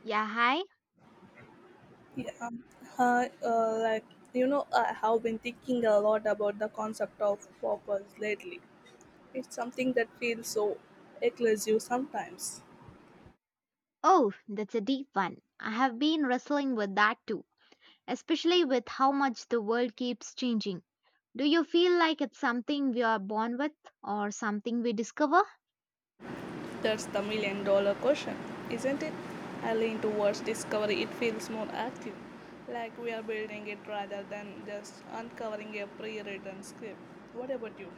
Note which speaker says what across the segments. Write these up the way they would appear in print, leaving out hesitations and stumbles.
Speaker 1: Yeah, hi.
Speaker 2: Yeah, uh, uh, like I have been thinking a lot about the concept of purpose lately. It's something that feels so elusive sometimes.
Speaker 1: Oh, that's a deep one. I have been wrestling with that too, especially with how much the world keeps changing. Do you feel like it's something we are born with or something we discover?
Speaker 2: That's the million dollar question, isn't it? I lean towards discovery, it feels more active, like we are building it rather than just uncovering a pre written script. What about you?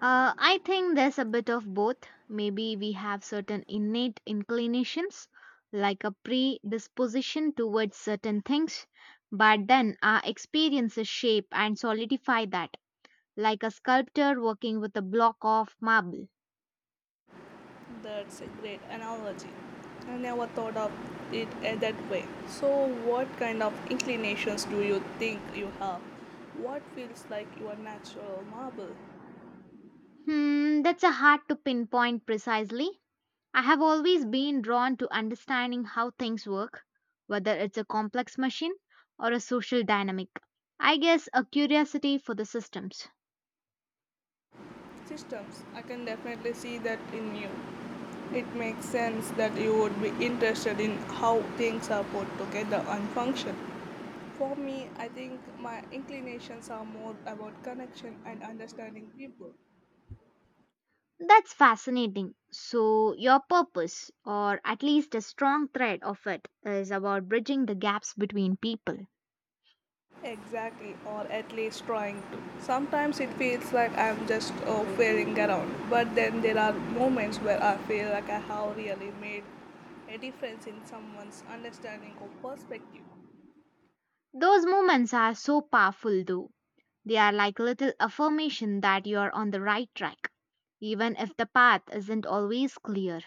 Speaker 1: I think there's a bit of both. Maybe we have certain innate inclinations, like a predisposition towards certain things, but then our experiences shape and solidify that, like a sculptor working with a block of marble.
Speaker 2: That's a great analogy. I never thought of it that way. So, what kind of inclinations do you think you have? What feels like your natural marble?
Speaker 1: Hmm, that's a hard to pinpoint precisely. I have always been drawn to understanding how things work, whether it's a complex machine or a social dynamic. I guess a curiosity for the systems.
Speaker 2: Systems. I can definitely see that in you. It makes sense that you would be interested in how things are put together and function. For me, I think my inclinations are more about connection and understanding people.
Speaker 1: That's fascinating. So, your purpose, or at least a strong thread of it, is about bridging the gaps between people.
Speaker 2: Exactly, or at least trying to. Sometimes it feels like I'm just failing around, but then there are moments where I feel like I have really made a difference in someone's understanding or perspective.
Speaker 1: Those moments are so powerful, though. They are like little affirmation that you are on the right track, even if the path isn't always clear.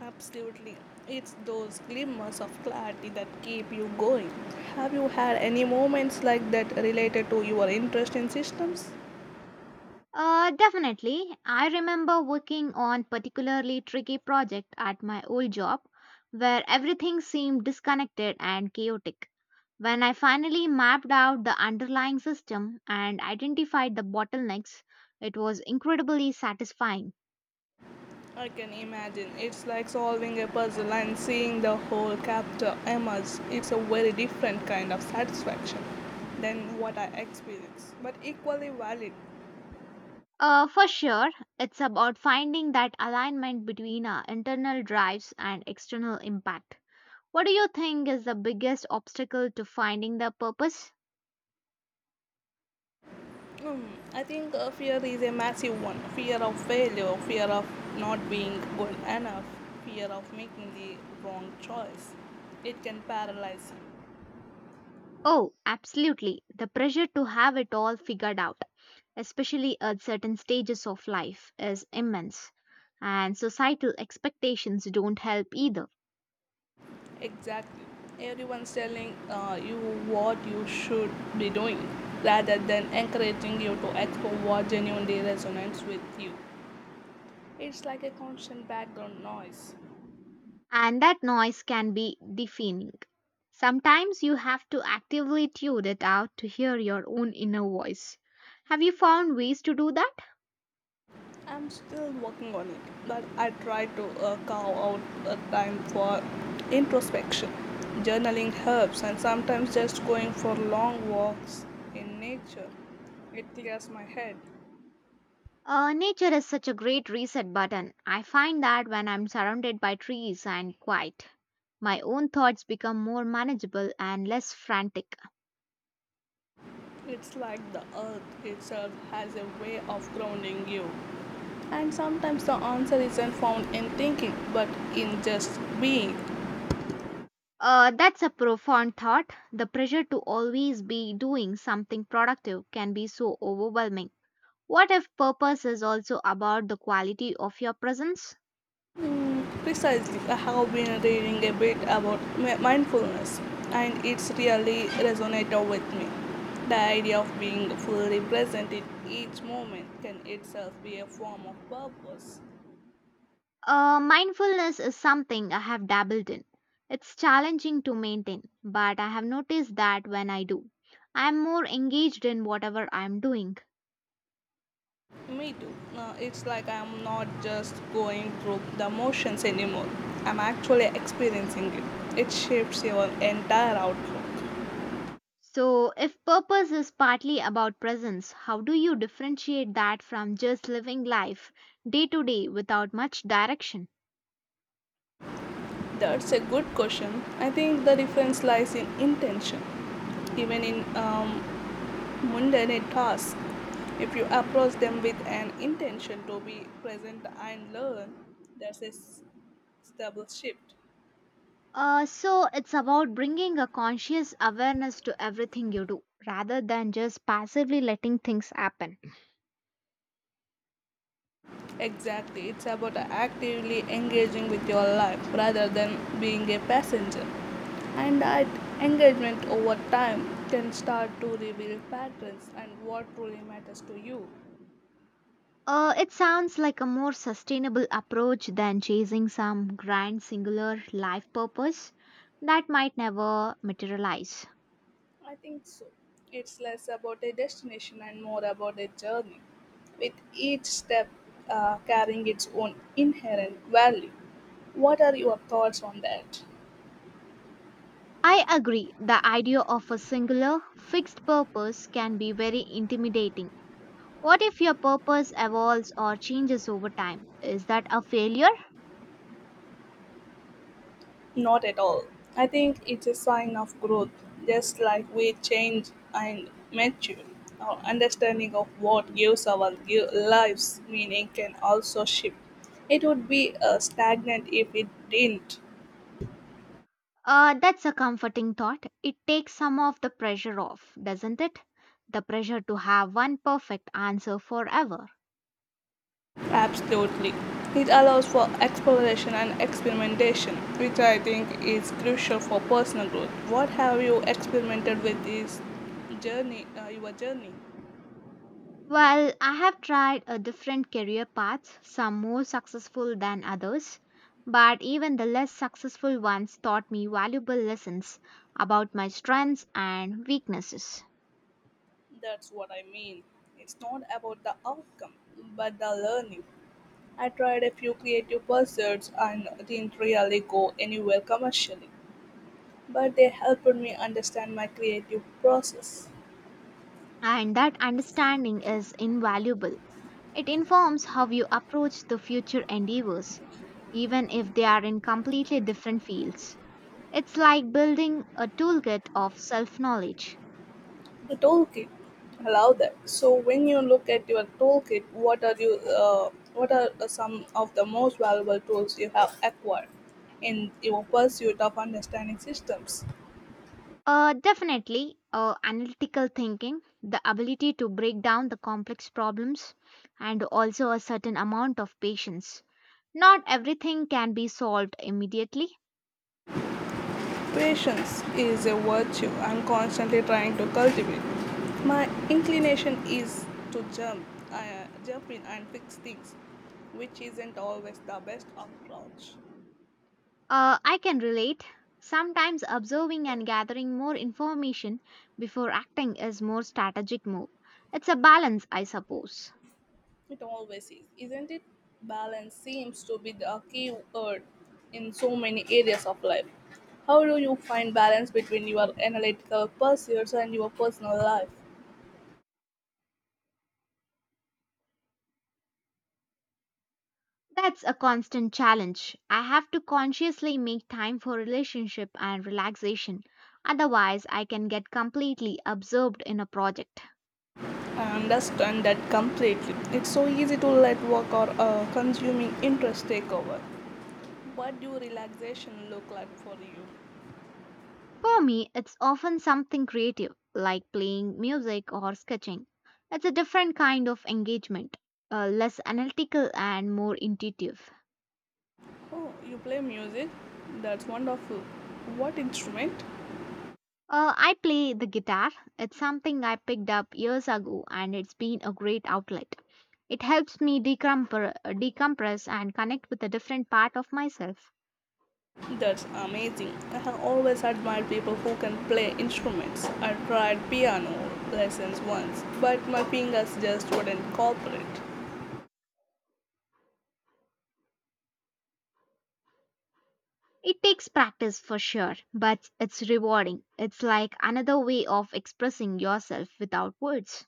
Speaker 2: Absolutely, it's those glimmers of clarity that keep you going. Have you had any moments like that related to your interest in systems?
Speaker 1: Definitely. I remember working on particularly tricky project at my old job where everything seemed disconnected and chaotic. When I finally mapped out the underlying system and identified the bottlenecks, it was incredibly satisfying.
Speaker 2: I can imagine. It's like solving a puzzle and seeing the whole chapter emerge. It's a very different kind of satisfaction than what I experience, but equally valid.
Speaker 1: For sure, it's about finding that alignment between our internal drives and external impact. What do you think is the biggest obstacle to finding the purpose?
Speaker 2: Hmm, I think fear is a massive one, fear of failure, fear of not being good enough, fear of making the wrong choice. It can paralyze you.
Speaker 1: Oh, absolutely. The pressure to have it all figured out, especially at certain stages of life, is immense. And societal expectations don't help either.
Speaker 2: Exactly. Everyone's telling you what you should be doing rather than encouraging you to echo what genuinely resonates with you. It's like a constant background noise.
Speaker 1: And that noise can be deafening. Sometimes you have to actively tune it out to hear your own inner voice. Have you found ways to do that?
Speaker 2: I'm still working on it, but I try to carve out a time for introspection. Journaling helps, and sometimes just going for long walks in nature. It clears my head.
Speaker 1: Nature is such a great reset button. I find that when I'm surrounded by trees and quiet, my own thoughts become more manageable and less frantic.
Speaker 2: It's like the earth itself has a way of grounding you. And sometimes the answer isn't found in thinking, but in just being.
Speaker 1: That's a profound thought. The pressure to always be doing something productive can be so overwhelming. What if purpose is also about the quality of your presence?
Speaker 2: Precisely, I have been reading a bit about mindfulness, and it's really resonated with me. The idea of being fully present in each moment can itself be a form of purpose.
Speaker 1: Mindfulness is something I have dabbled in. It's challenging to maintain, but I have noticed that when I do, I am more engaged in whatever I am doing.
Speaker 2: Me too. It's like I'm not just going through the motions anymore, I'm actually experiencing it. It shapes your entire outlook.
Speaker 1: So, if purpose is partly about presence, how do you differentiate that from just living life day to day without much direction?
Speaker 2: That's a good question. I think the difference lies in intention. Even in mundane tasks, if you approach them with an intention to be present and learn, that's a stable shift.
Speaker 1: So, it's about bringing a conscious awareness to everything you do rather than just passively letting things happen.
Speaker 2: Exactly, it's about actively engaging with your life rather than being a passenger. And that engagement over time can start to reveal patterns and what truly matters to you.
Speaker 1: It sounds like a more sustainable approach than chasing some grand singular life purpose that might never materialize.
Speaker 2: I think so. It's less about a destination and more about a journey, with each step carrying its own inherent value. What are your thoughts on that?
Speaker 1: I agree, the idea of a singular, fixed purpose can be very intimidating. What if your purpose evolves or changes over time? Is that a failure?
Speaker 2: Not at all. I think it's a sign of growth, just like we change and mature. Our understanding of what gives our lives meaning can also shift. It would be stagnant if it didn't.
Speaker 1: That's a comforting thought. It takes some of the pressure off, doesn't it? The pressure to have one perfect answer forever.
Speaker 2: Absolutely. It allows for exploration and experimentation, which I think is crucial for personal growth. What have you experimented with this your journey?
Speaker 1: Well, I have tried a different career paths, some more successful than others, but even the less successful ones taught me valuable lessons about my strengths and weaknesses.
Speaker 2: That's what I mean. It's not about the outcome, but the learning. I tried a few creative pursuits and didn't really go anywhere commercially, but they helped me understand my creative process.
Speaker 1: And that understanding is invaluable. It informs how you approach the future endeavors, even if they are in completely different fields. It's like building a toolkit of self knowledge.
Speaker 2: The toolkit allow that. So when you look at your toolkit, what are you? What are some of the most valuable tools you have acquired in your pursuit of understanding systems?
Speaker 1: Analytical thinking, the ability to break down the complex problems, and also a certain amount of patience. Not everything can be solved immediately.
Speaker 2: Patience is a virtue I'm constantly trying to cultivate. My inclination is to jump in and fix things, which isn't always the best approach.
Speaker 1: I can relate. Sometimes observing and gathering more information before acting is more strategic move. It's a balance, I suppose.
Speaker 2: It always is, isn't it? Balance seems to be the key word in so many areas of life. How do you find balance between your analytical pursuits and your personal life?
Speaker 1: That's a constant challenge. I have to consciously make time for relationship and relaxation. Otherwise, I can get completely absorbed in a project.
Speaker 2: I understand that completely. It's so easy to let work or consuming interest take over. What do relaxation look like for you?
Speaker 1: For me, it's often something creative, like playing music or sketching. It's a different kind of engagement, less analytical and more intuitive.
Speaker 2: Oh, you play music? That's wonderful. What instrument?
Speaker 1: I play the guitar. It's something I picked up years ago and it's been a great outlet. It helps me decompress, decompress and connect with a different part of myself.
Speaker 2: That's amazing. I have always admired people who can play instruments. I tried piano lessons once, but my fingers just wouldn't cooperate.
Speaker 1: It takes practice for sure, but it's rewarding. It's like another way of expressing yourself without words.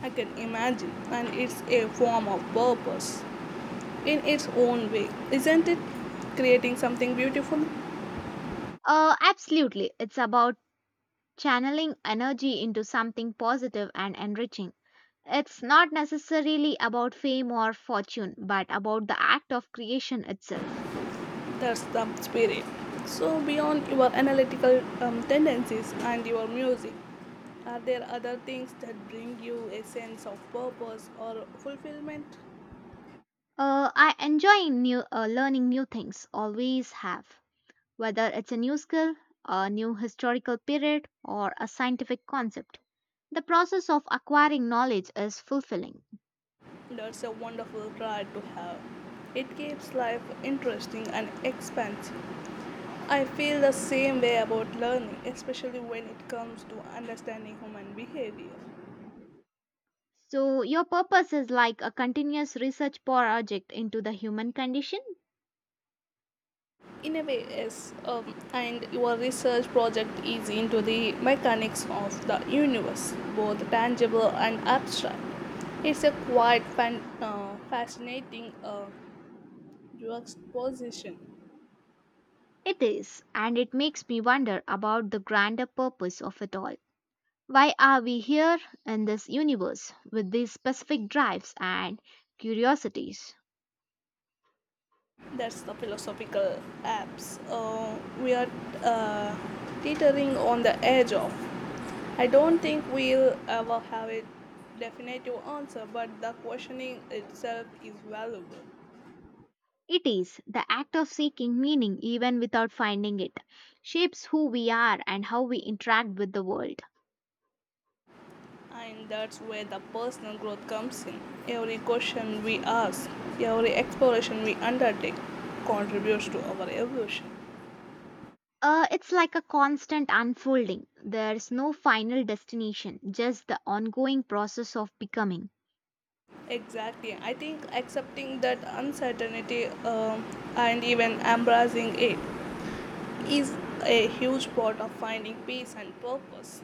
Speaker 2: I can imagine, and it's a form of purpose in its own way, isn't it? Creating something beautiful,
Speaker 1: Absolutely. It's about channeling energy into something positive and enriching. It's not necessarily about fame or fortune, but about the act of creation itself.
Speaker 2: that's the spirit. So, beyond your analytical tendencies and your music, are there other things that bring you a sense of purpose or fulfillment?
Speaker 1: I enjoy new learning new things, always have, whether it's a new skill, a new historical period, or a scientific concept. The process of acquiring knowledge is fulfilling.
Speaker 2: That's a wonderful pride to have. It keeps life interesting and expansive. I feel the same way about learning, especially when it comes to understanding human behavior.
Speaker 1: So, your purpose is like a continuous research project into the human condition?
Speaker 2: In a way, yes, and your research project is into the mechanics of the universe, both tangible and abstract. It's a quite fascinating juxtaposition.
Speaker 1: It is, and it makes me wonder about the grander purpose of it all. Why are we here in this universe with these specific drives and curiosities?
Speaker 2: That's the philosophical apps. We are uh, teetering on the edge of. I don't think we'll ever have a definitive answer, but the questioning itself is valuable.
Speaker 1: It is the act of seeking meaning even without finding it, shapes who we are and how we interact with the world.
Speaker 2: And that's where the personal growth comes in. Every question we ask, every exploration we undertake contributes to our evolution.
Speaker 1: It's like a constant unfolding. There's no final destination, just the ongoing process of becoming.
Speaker 2: Exactly. I think accepting that uncertainty and even embracing it is a huge part of finding peace and purpose,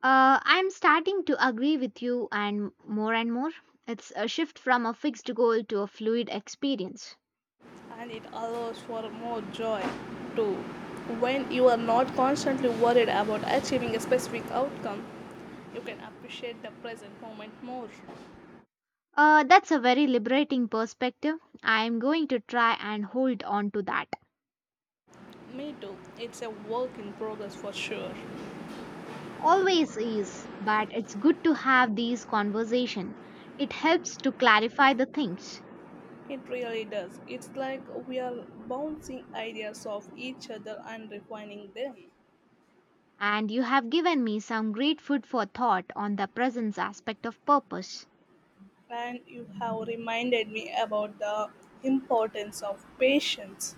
Speaker 1: I'm starting to agree with you, and more and more. It's a shift from a fixed goal to a fluid experience.
Speaker 2: and it allows for more joy too. When you are not constantly worried about achieving a specific outcome, you can appreciate the present moment more.
Speaker 1: That's a very liberating perspective. I'm going to try and hold on to that.
Speaker 2: Me too, it's a work in progress for sure.
Speaker 1: Always is, but it's good to have these conversation. It helps to clarify the things.
Speaker 2: It really does. It's like we are bouncing ideas off each other and refining them.
Speaker 1: And you have given me some great food for thought on the presence aspect of purpose.
Speaker 2: And you have reminded me about the importance of patience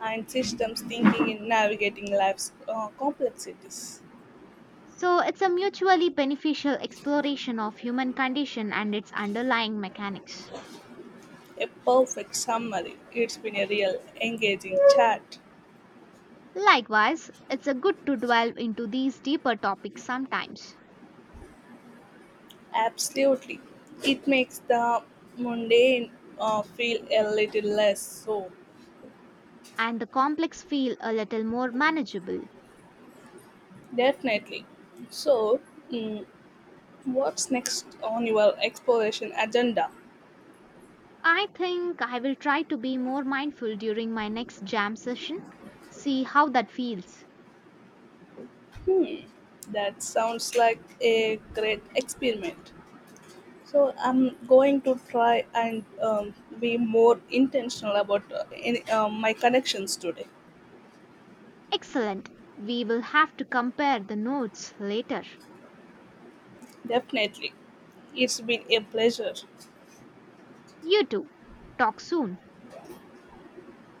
Speaker 2: and systems thinking in navigating life's complexities.
Speaker 1: So it's a mutually beneficial exploration of human condition and its underlying mechanics.
Speaker 2: A perfect summary. It's been a real engaging chat.
Speaker 1: Likewise, it's a good to delve into these deeper topics sometimes
Speaker 2: Absolutely. It makes the mundane feel a little less so.
Speaker 1: and the complex feel a little more manageable.
Speaker 2: Definitely. So, mm, what's next on your exploration agenda?
Speaker 1: I think I will try to be more mindful during my next jam session. See how that feels.
Speaker 2: That sounds like a great experiment. So I'm going to try and be more intentional about my connections today.
Speaker 1: Excellent. We will have to compare the notes later.
Speaker 2: Definitely. It's been a pleasure.
Speaker 1: You too. Talk soon.